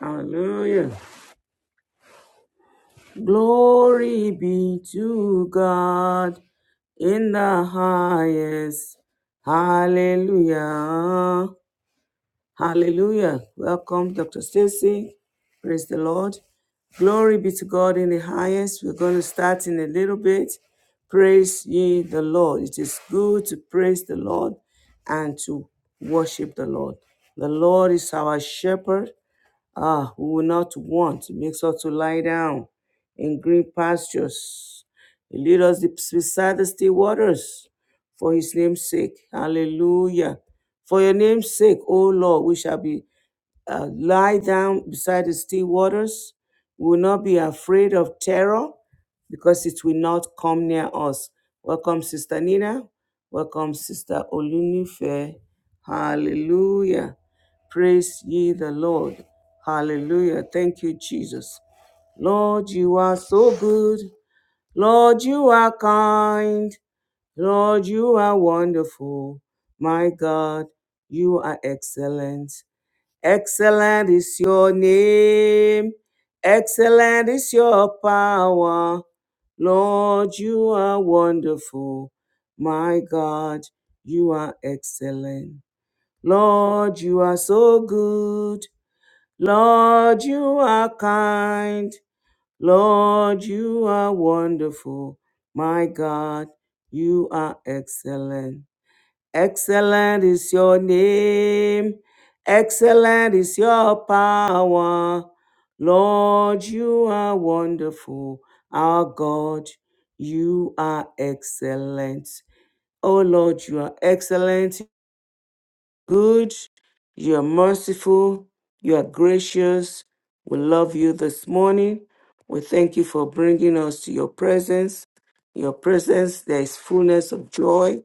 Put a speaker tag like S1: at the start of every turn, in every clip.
S1: Hallelujah. Glory be to God in the highest. Hallelujah. Hallelujah. Welcome, Dr. Stacy. Praise the Lord. Glory be to God in the highest. We're going to start in a little bit. Praise ye the Lord. It is good to praise the Lord and to worship the Lord. The Lord is our shepherd. Ah, who will not want makes us to lie down in green pastures. He lead us beside the still waters for his name's sake. Hallelujah. For your name's sake, O Lord, we shall be uh, lie down beside the still waters. We will not be afraid of terror because it will not come near us. Welcome, Sister Nina. Welcome, Sister Olunife. Hallelujah. Praise ye the Lord. Hallelujah. Thank you, Jesus. Lord, you are so good. Lord, you are kind. Lord, you are wonderful. My God, you are excellent. Excellent is your name. Excellent is your power. Lord, you are wonderful. My God, you are excellent. Lord, you are so good. Lord, you are kind. Lord, you are wonderful. My God, you are excellent. Excellent is your name. Excellent is your power. Lord, you are wonderful. Our God, you are excellent. Oh Lord, you are excellent, good, you are merciful, you are gracious. We love you this morning. We thank you for bringing us to your presence. In Your presence, there is fullness of joy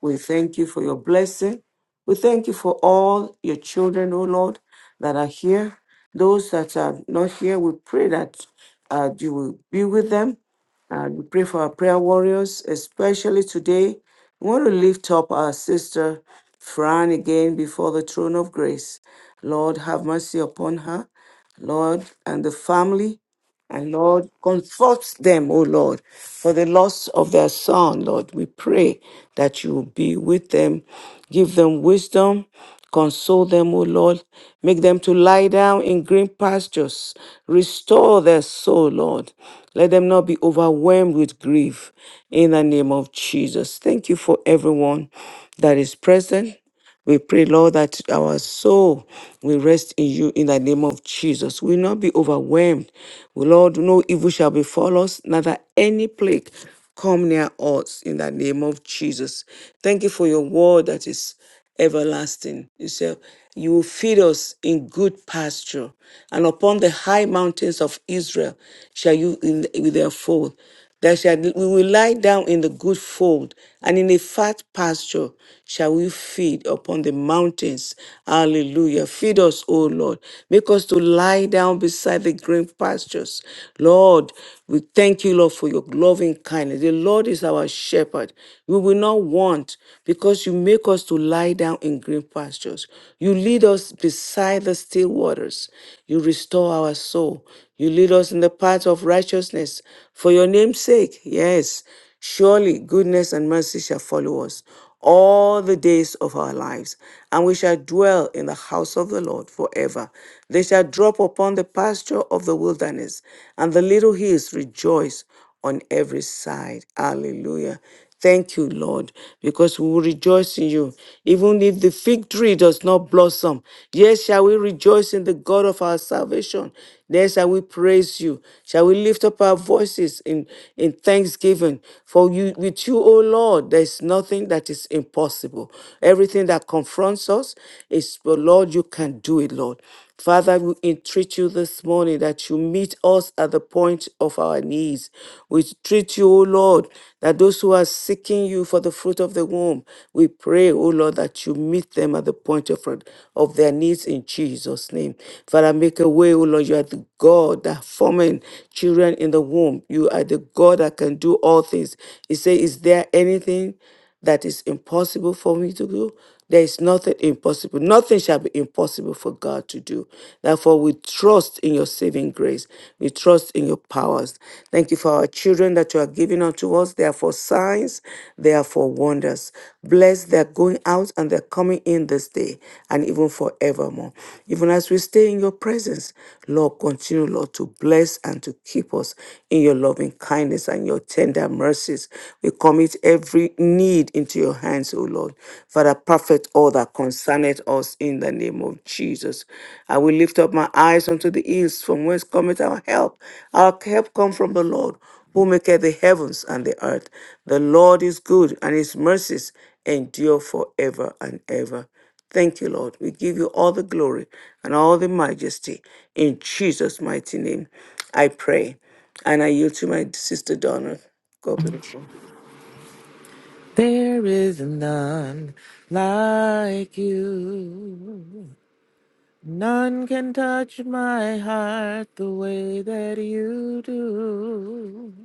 S1: we thank you for your blessing. We thank you for all your children, O Lord, that are here. Those that are not here, we pray that uh, you will be with them. And we pray for our prayer warriors, especially today. We want to lift up our sister Fran again before the throne of grace. Lord, have mercy upon her, Lord, and the family. And Lord, comfort them, O Lord, for the loss of their son, Lord. We pray that you will be with them. Give them wisdom. Console them, O Lord. Make them to lie down in green pastures. Restore their soul, Lord. Let them not be overwhelmed with grief. In the name of Jesus. Thank you for everyone that is present. We pray, Lord, that our soul will rest in you in the name of Jesus. We will not be overwhelmed. Lord, no evil shall befall us, neither any plague come near us in the name of Jesus. Thank you for your word that is everlasting. You say, You will feed us in good pasture, and upon the high mountains of Israel shall you in, with their fold that shall, we will lie down in the good fold, and in a fat pasture shall we feed upon the mountains. Hallelujah. Feed us, O Lord. Make us to lie down beside the green pastures. Lord, we thank you, Lord, for your loving kindness. The Lord is our shepherd. We will not want because you make us to lie down in green pastures. You lead us beside the still waters. You restore our soul. You lead us in the path of righteousness for your name's sake. Yes, surely goodness and mercy shall follow us all the days of our lives, and we shall dwell in the house of the Lord forever. They shall drop upon the pasture of the wilderness, and the little hills rejoice on every side. Hallelujah. Thank you, Lord, because we will rejoice in you. Even if the fig tree does not blossom, yes, shall we rejoice in the God of our salvation. Then shall we praise you. Shall we lift up our voices in, in thanksgiving? For you with you, O Lord, there is nothing that is impossible. Everything that confronts us is, but Lord, you can do it, Lord. Father, we entreat you this morning morning that you meet us at the point of our needs. We treat you, O Lord, that those who are seeking you for the fruit of the womb, we pray, O Lord, that you meet them at the point of, of their needs in Jesus' name. Father, make a way, O Lord. You are the God that forming children in the womb. You are the God that can do all things. He said, Is there anything? that is impossible for me to do. There is nothing impossible. Nothing shall be impossible for God to do. Therefore, we trust in your saving grace. We trust in your powers. Thank you for our children that you are giving unto us. They are for signs, they are for wonders. Bless their going out and their coming in this day and even forevermore. Even as we stay in your presence, Lord, continue, Lord, to bless and to keep us in your loving kindness and your tender mercies. We commit every need into your hands, O Lord. Father, perfect all that concerneth us in the name of Jesus. I will lift up my eyes unto the hills from whence cometh our help. Our help come from the Lord, who maketh the heavens and the earth. The Lord is good, and his mercies endure forever and ever. Thank you, Lord. We give you all the glory and all the majesty in Jesus' mighty name. I pray. And I yield to my sister Donna. God bless
S2: There is none like you. None can touch my heart the way that you do.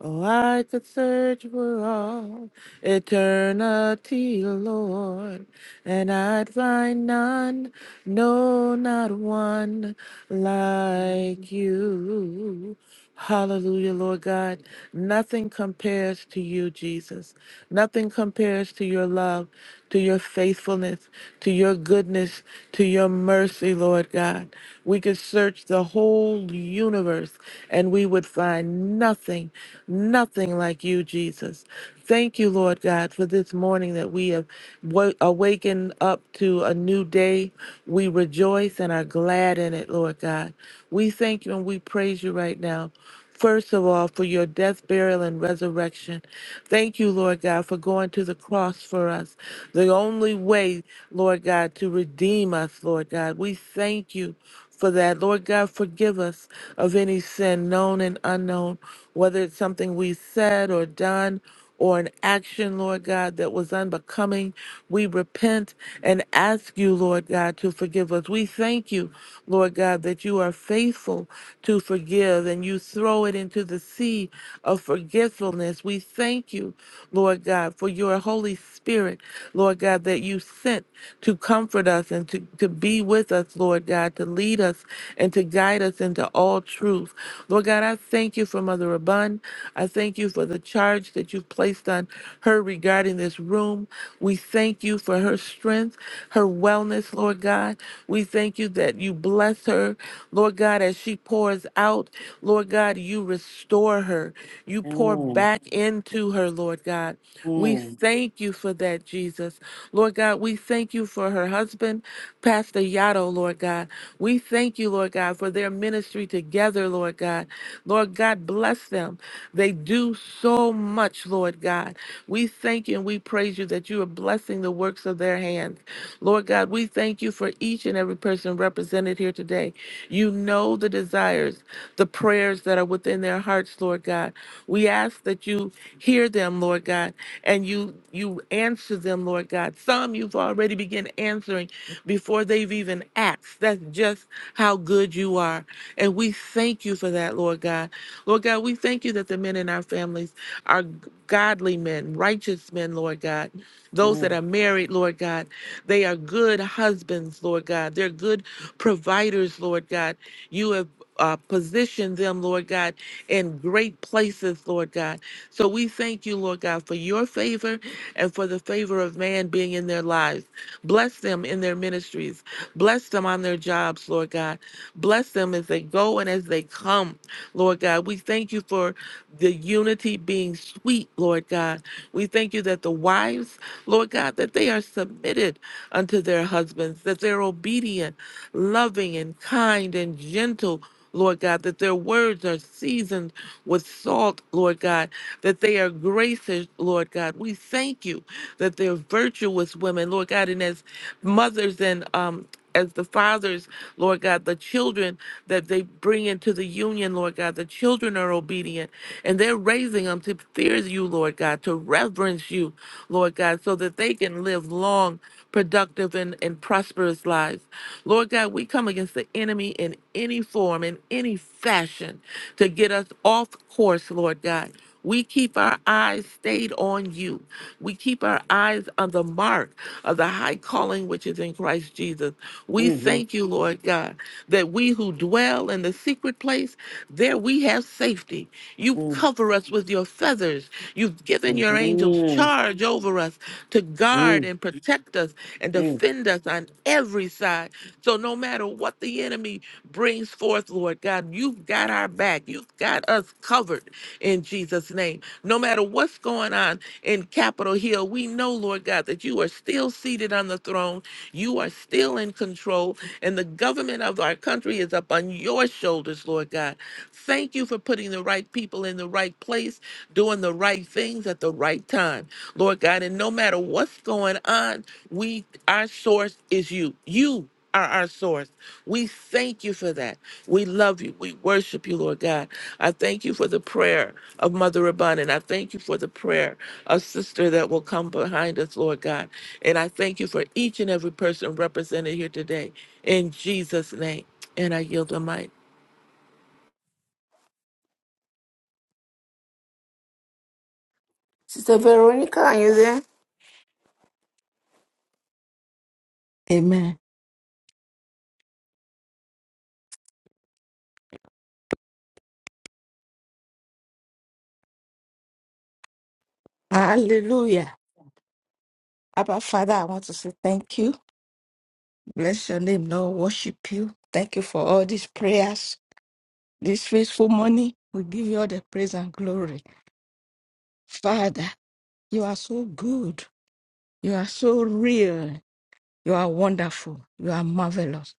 S2: Oh, I could search for all eternity, Lord, and I'd find none, no, not one like you. Hallelujah, Lord God. Nothing compares to you, Jesus. Nothing compares to your love, to your faithfulness, to your goodness, to your mercy, Lord God. We could could search the whole universe and we would find nothing, nothing like you, Jesus. Thank you, Lord God, for this morning that we have wa- awakened up to a new day. We rejoice and are glad in it, Lord God. We thank you and we praise you right now. First of all, for your death, burial, and resurrection. Thank you, Lord God, for going to the cross for us. The only way, Lord God, to redeem us, Lord God. We thank you for that. Lord God, forgive us of any sin, known and unknown, whether it's something we said or done or an action, Lord God, that was unbecoming. We repent and ask you, Lord God, to forgive us. We thank you, Lord God, that you are faithful to forgive and you throw it into the sea of forgetfulness. We thank you, Lord God, for your holy. Holy Spirit, Lord God, that you sent to comfort us and to, to be with us, Lord God, to lead us and to guide us into all truth. Lord God, I thank you for Mother Abun. I thank you for the charge that you've placed on her regarding this room. We thank you for her strength, her wellness, Lord God. We thank you that you bless her, Lord God, as she pours out healed. Lord God, you restore her. You pour
S1: you.
S2: back into her, Lord God. We
S1: Mm,
S2: thank you for that, Jesus. Lord God, we thank you for her husband, Pastor Yato, Lord God. We thank you, Lord God, for their ministry together, Lord God. Lord God, bless them. They do so much, Lord God. We thank you and we praise you that you are blessing the works of their hands. Lord God, we thank you for each and every person represented here today. You know the desires the prayers that are within their hearts, Lord God. We ask that you hear them, Lord God, and you you answer them, Lord God. Some you've already begun answering before they've even asked. That's just how good you are. And we thank you for that, Lord God. Lord God, we thank you that the men in our families are godly men, righteous men, Lord God. Those that
S1: mm,
S2: are married, Lord God, they are good husbands, Lord God. They're good providers, Lord God. You have uh, position them, Lord God, in great places, Lord God. So we thank you, Lord God, for your favor and for the favor of man being in their lives. Bless them in their ministries. Bless them on their jobs, Lord God. Bless them as they go and as they come, Lord God. We thank you for the unity being sweet, Lord God. We thank you that the wives, Lord God, that they are submitted unto their husbands, that they're obedient, loving, and kind and gentle Lord God, that their words are seasoned with salt, Lord God, that they are gracious, Lord God. We thank you that they're virtuous women, Lord God, and as mothers and um as the fathers, Lord God, the children, that they bring into the union, Lord God. The children are obedient and they're raising them to fear you, Lord God, to reverence you, Lord God, so that they can live long, productive, and, and prosperous lives. Lord God, we come against the enemy in any form, in any fashion, to get us off course, Lord God. We keep our eyes stayed on you. We keep our eyes on the mark of the high calling which is in Christ Jesus. We
S1: mhm,
S2: thank you, Lord God, that we who dwell in the secret place, there we have safety. You
S1: mm,
S2: cover us with your feathers. You've given your angels
S1: mhm,
S2: charge over us to guard
S1: mm,
S2: and protect us and
S1: mm.
S2: defend us on every side. So no matter matter what the enemy brings forth, Lord God, you've got our back. You've got us covered in Jesus' name. No matter what's going on in Capitol Hill, we know, Lord God, that you are still seated on the throne. You are still in control, and the government of our country is up on your shoulders, Lord God. Thank you for putting the right people in the right place, doing the right things at the right time, Lord God. And no matter what's going on, we our source is you. You are our source. We thank you for that. We love you. We worship you, Lord God. I thank you for the prayer of Mother Abundant. I thank you for the prayer of Sister that will come behind us, Lord God. And I thank you for each and every person represented here today. In Jesus' name. And I yield the mic.
S1: Sister Veronica, are you there?
S3: Amen. Hallelujah. Abba Father, I want to say thank you. Bless your name, Lord. Worship you. Thank you for all these prayers, this faithful money. We give you all the praise and glory. Father, you are so good. You are so real. You are wonderful. You are marvelous.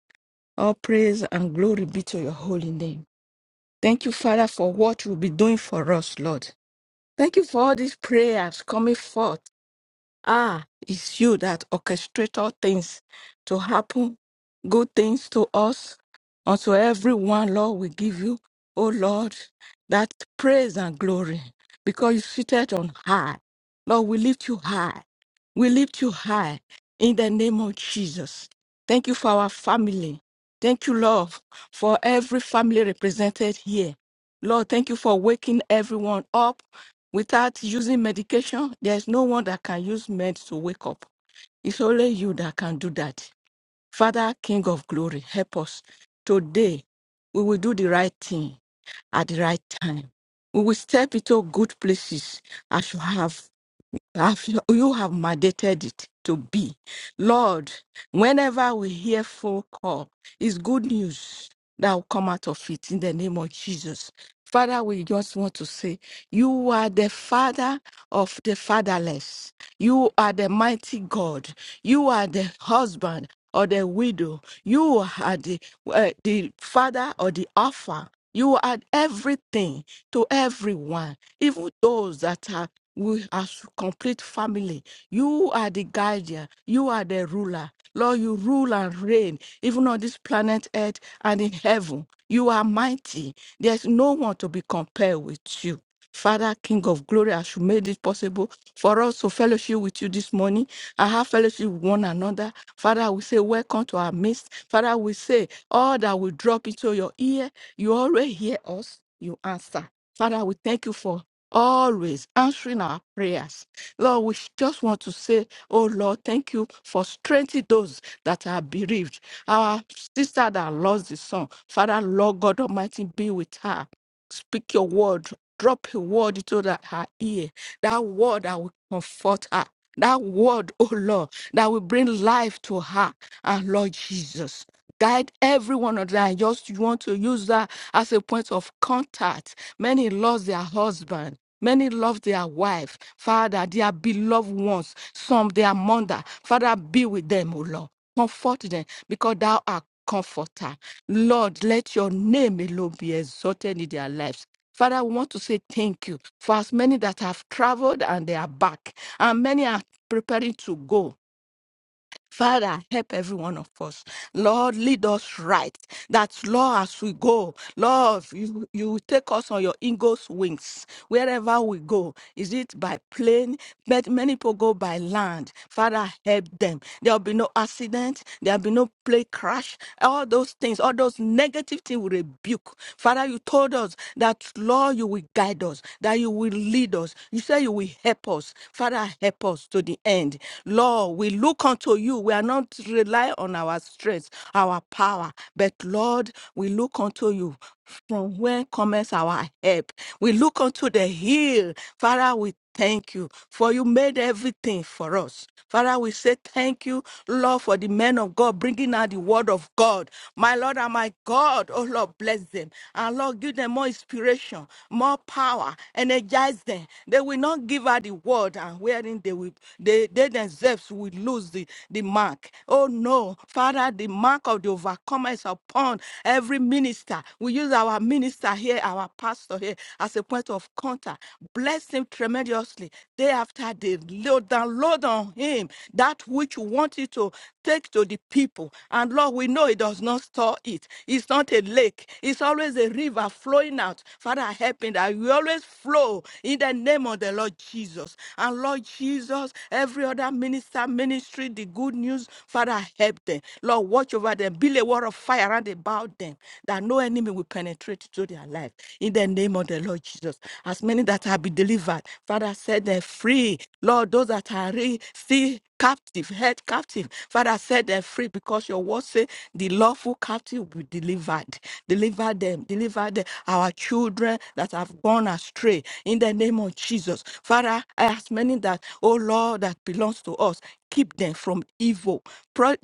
S3: All praise and glory be to your holy name. Thank you, Father, for what you'll be doing for us, Lord. Thank you for all these prayers coming forth. Ah, it's you that orchestrate all things to happen, good things to us, unto everyone, Lord, we give you, O Lord, that praise and glory, because you seated on high. Lord, we lift you high. We lift you high in the name of Jesus. Thank you for our family. Thank you, Lord, for every family represented here. Lord, thank you for waking everyone up Without using medication, there's no one that can use meds to wake up. It's only you that can do that. Father, King of glory, help us. Today, we will do the right thing at the right time. We will step into good places as you have. Have you you have mandated it to be. Lord, whenever we hear phone call, it's good news that will come out of it in the name of Jesus. Father, we just want to say, you are the father of the fatherless. You are the mighty God. You are the husband or the widow. You are the, uh, the father or the offer. You are everything to everyone, even those that are with a complete family. You are the guardian. You are the ruler. Lord, you rule and reign, even on this planet earth and in heaven. You are mighty. There's no one to be compared with you. Father, King of glory, as you made it possible for us to fellowship with you this morning, I have fellowship with one another. Father, we say, Welcome to our midst. Father, we say, All that will drop into your ear, you already hear us, you answer. Father, we thank you for always answering our prayers. Lord, we just want to say, Oh Lord, thank you for strengthening those that are bereaved. Our sister that lost the son, Father, Lord God Almighty, be with her. Speak your word. Drop a word into that her ear. That word that will comfort her. That word, oh Lord that will bring life to her. And Lord Jesus, guide every one of them. I just want to use that as a point of contact. Many lost their husband. Many love their wife, Father, their beloved ones, some their mother. Father, be with them, O Lord. Comfort them because thou art comforter. Lord, let your name alone be exalted in their lives. Father, we want to say thank you for as many that have traveled and they are back, and many are preparing to go. Father, help every one of us. Lord, lead us right. That, Lord, as we go, Lord, you, you will take us on your eagle's wings wherever we go. Is it by plane? But many people go by land. Father, help them. There'll be no accident. There'll be no plane crash. All those things, all those negative things we rebuke. Father, you told us that, Lord, you will guide us, that you will will lead us. You said you will help us. Father, help us to the end. Lord, we look unto you. We are not rely on our strength, our power, but Lord, we look unto you. From where comes our help? We look unto the hill. Father, we Thank you for you made everything for us. Father, we say thank you, Lord, for the men of God bringing out the word of God. My Lord and my God, oh Lord, bless them. And Lord, give them more inspiration, more power, energize them. They will not give out the word and wherein they will, they, they themselves will lose the, the mark. Oh no, Father, the mark of the overcomer is upon every minister. We use our minister here, our pastor pastor here as a point of contact. Bless him tremendously day after day. Lord, download on him that which you want you to take to the people. And Lord, we know it does not store it. It's not a lake. It's always a river flowing out. Father, help him that we always flow in the name of the Lord Jesus. And Lord Jesus, every other minister, ministry, the good news, Father, help them. Lord, watch over them. Build a wall of fire around about them them, that no enemy will penetrate to their life. In the name of the Lord Jesus, as many that have been delivered, Father, set them free. Lord, those that are re- still captive, held captive, Father, set them free because your word says the lawful captive will be delivered. Deliver them, deliver them, our children that have gone astray. In the name of Jesus, Father, as many that, oh Lord, that belongs to us, keep them from evil. Pro-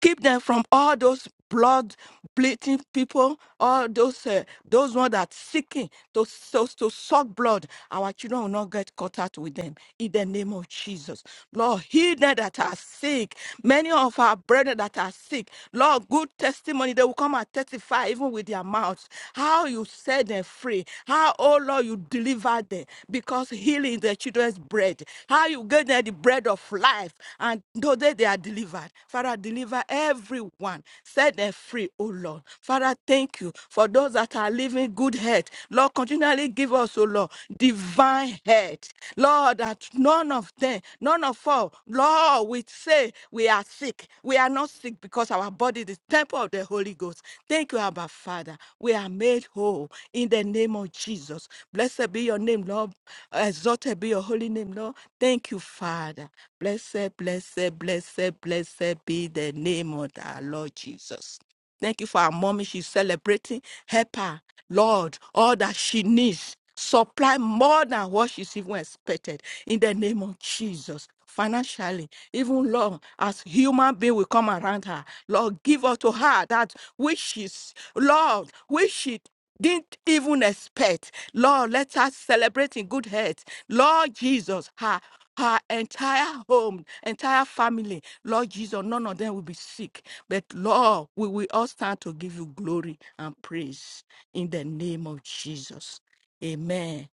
S3: keep them from all those blood bleeding people, all those uh, those ones that seeking to, to to suck blood. Our children will not get caught out with them in the name of Jesus. Lord, heal them that are sick. Many of our brethren that are sick, Lord, good testimony. They will come and testify even with their mouths. How you said them them free. How, oh Lord, you delivered them because healing is the children's bread. How you gave them the bread of life and though they they are delivered. Father, deliver everyone. Set them free, oh Lord. Father, thank you for those that are living good health. Lord, continually give us, oh Lord, divine health. Lord, that none of them None of all, Lord, we say we are sick. We are not sick because our body is the temple of the Holy Ghost. Thank you, Abba Father. We are made whole in the name of Jesus. Blessed be your name, Lord. Exalted be your holy name, Lord. Thank you, Father. Blessed, blessed, blessed, blessed be the name of our Lord Jesus. Thank you for our mommy. She's celebrating. Help her, Lord, all that she needs. Supply more than what she's even expected in the name of Jesus. Financially, even Lord, as human being will come around her, Lord, give her to her that which is, Lord, which she didn't even expect. Lord, let us celebrate in good health. Lord Jesus, her, her entire home, entire family, Lord Jesus, none of them will be sick. But Lord, we will all stand to give you glory and praise in the name of Jesus. Amen.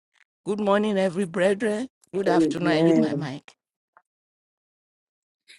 S3: Good morning, every brethren. Good afternoon. I yield my
S1: Amen.
S3: mic.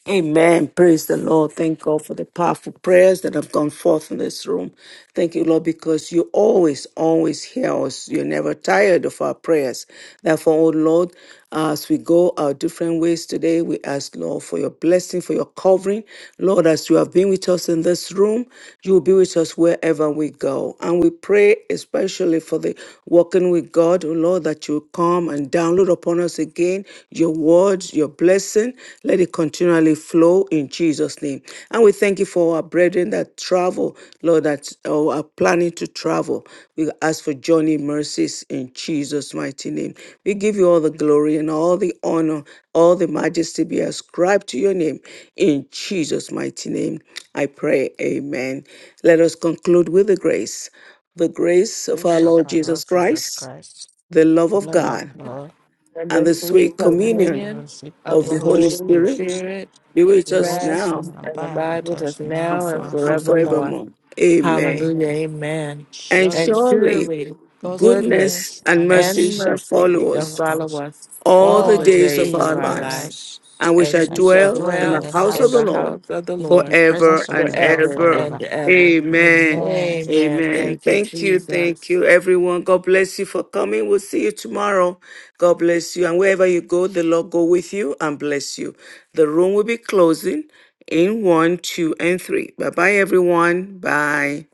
S1: Amen. Praise the Lord. Thank God for the powerful prayers that have gone forth in this room. Thank you, Lord, because you always, always hear us. You're never tired of our prayers. Therefore, oh Lord, as we go our different ways today, we ask, Lord, for your blessing, for your covering. Lord, as you have been with us in this room, you will be with us wherever we go. And we pray especially for the walking with God, oh Lord, that you come and download upon us again your words, your blessing. Let it continually flow in Jesus' name. And we thank you for our brethren that travel, Lord, that uh, are planning to travel. We ask for journey mercies in Jesus' mighty name. We give you all the glory and all the honor, all the majesty be ascribed to your name. In Jesus' mighty name, I pray. Amen. Let us conclude with the grace. The grace of our
S3: Praise of
S1: Lord
S3: our
S1: Jesus
S3: Lord Jesus
S1: Christ,
S3: Christ,
S1: the love
S3: the
S1: of
S3: love of
S1: God,
S3: God,
S2: And
S1: and
S2: the
S1: the sweet
S2: sweet
S3: and the
S1: communion
S2: communion
S3: fellowship of
S2: of
S1: of
S3: the
S2: the
S1: the
S3: Holy
S1: Holy
S2: Holy
S3: Spirit
S1: Spirit
S2: Spirit
S1: be with us
S3: Rest
S2: rest
S1: now
S3: and
S2: and
S3: abide
S2: abide
S3: with
S2: with
S3: us
S2: us
S1: and,
S3: now
S2: now and
S1: for,
S3: and
S1: and
S2: forevermore.
S3: forevermore.
S1: forevermore. Amen.
S2: Hallelujah.
S3: Amen.
S2: Amen.
S1: And
S2: And
S3: Surely
S1: surely
S2: surely
S3: God's
S2: goodness
S1: goodness
S3: goodness
S1: and
S3: and
S1: mercy
S2: and
S3: mercy
S1: shall
S2: mercy
S3: shall
S1: follow
S2: shall
S1: us
S3: follow
S2: follow
S3: us
S2: us
S1: all
S2: all
S1: the
S3: all
S2: the
S3: the
S1: days
S2: days
S1: of
S3: days
S2: of
S1: our
S3: of
S2: our
S3: our
S1: lives,
S2: life,
S3: lives
S1: and we shall
S2: and we
S3: and shall
S2: shall
S1: dwell
S3: dwell
S1: in
S3: in
S1: the
S2: dwell
S3: the
S1: house
S2: in
S1: of the
S2: the
S3: house,
S1: Lord
S2: house of the
S3: even
S2: Lord
S3: the
S1: forever
S3: presence of
S1: and
S3: the Lord
S2: forever
S1: ever.
S2: and
S3: forever.
S2: ever.
S1: Amen.
S3: Amen.
S2: Amen.
S1: Amen.
S2: Thank you,
S1: Thank you. Thank
S2: Jesus.
S1: you, everyone. God bless you for coming. We'll see you tomorrow. God bless you. And wherever you go, the Lord go with you and bless you. The room will be closing in one, two, and three. Bye bye, everyone. Bye.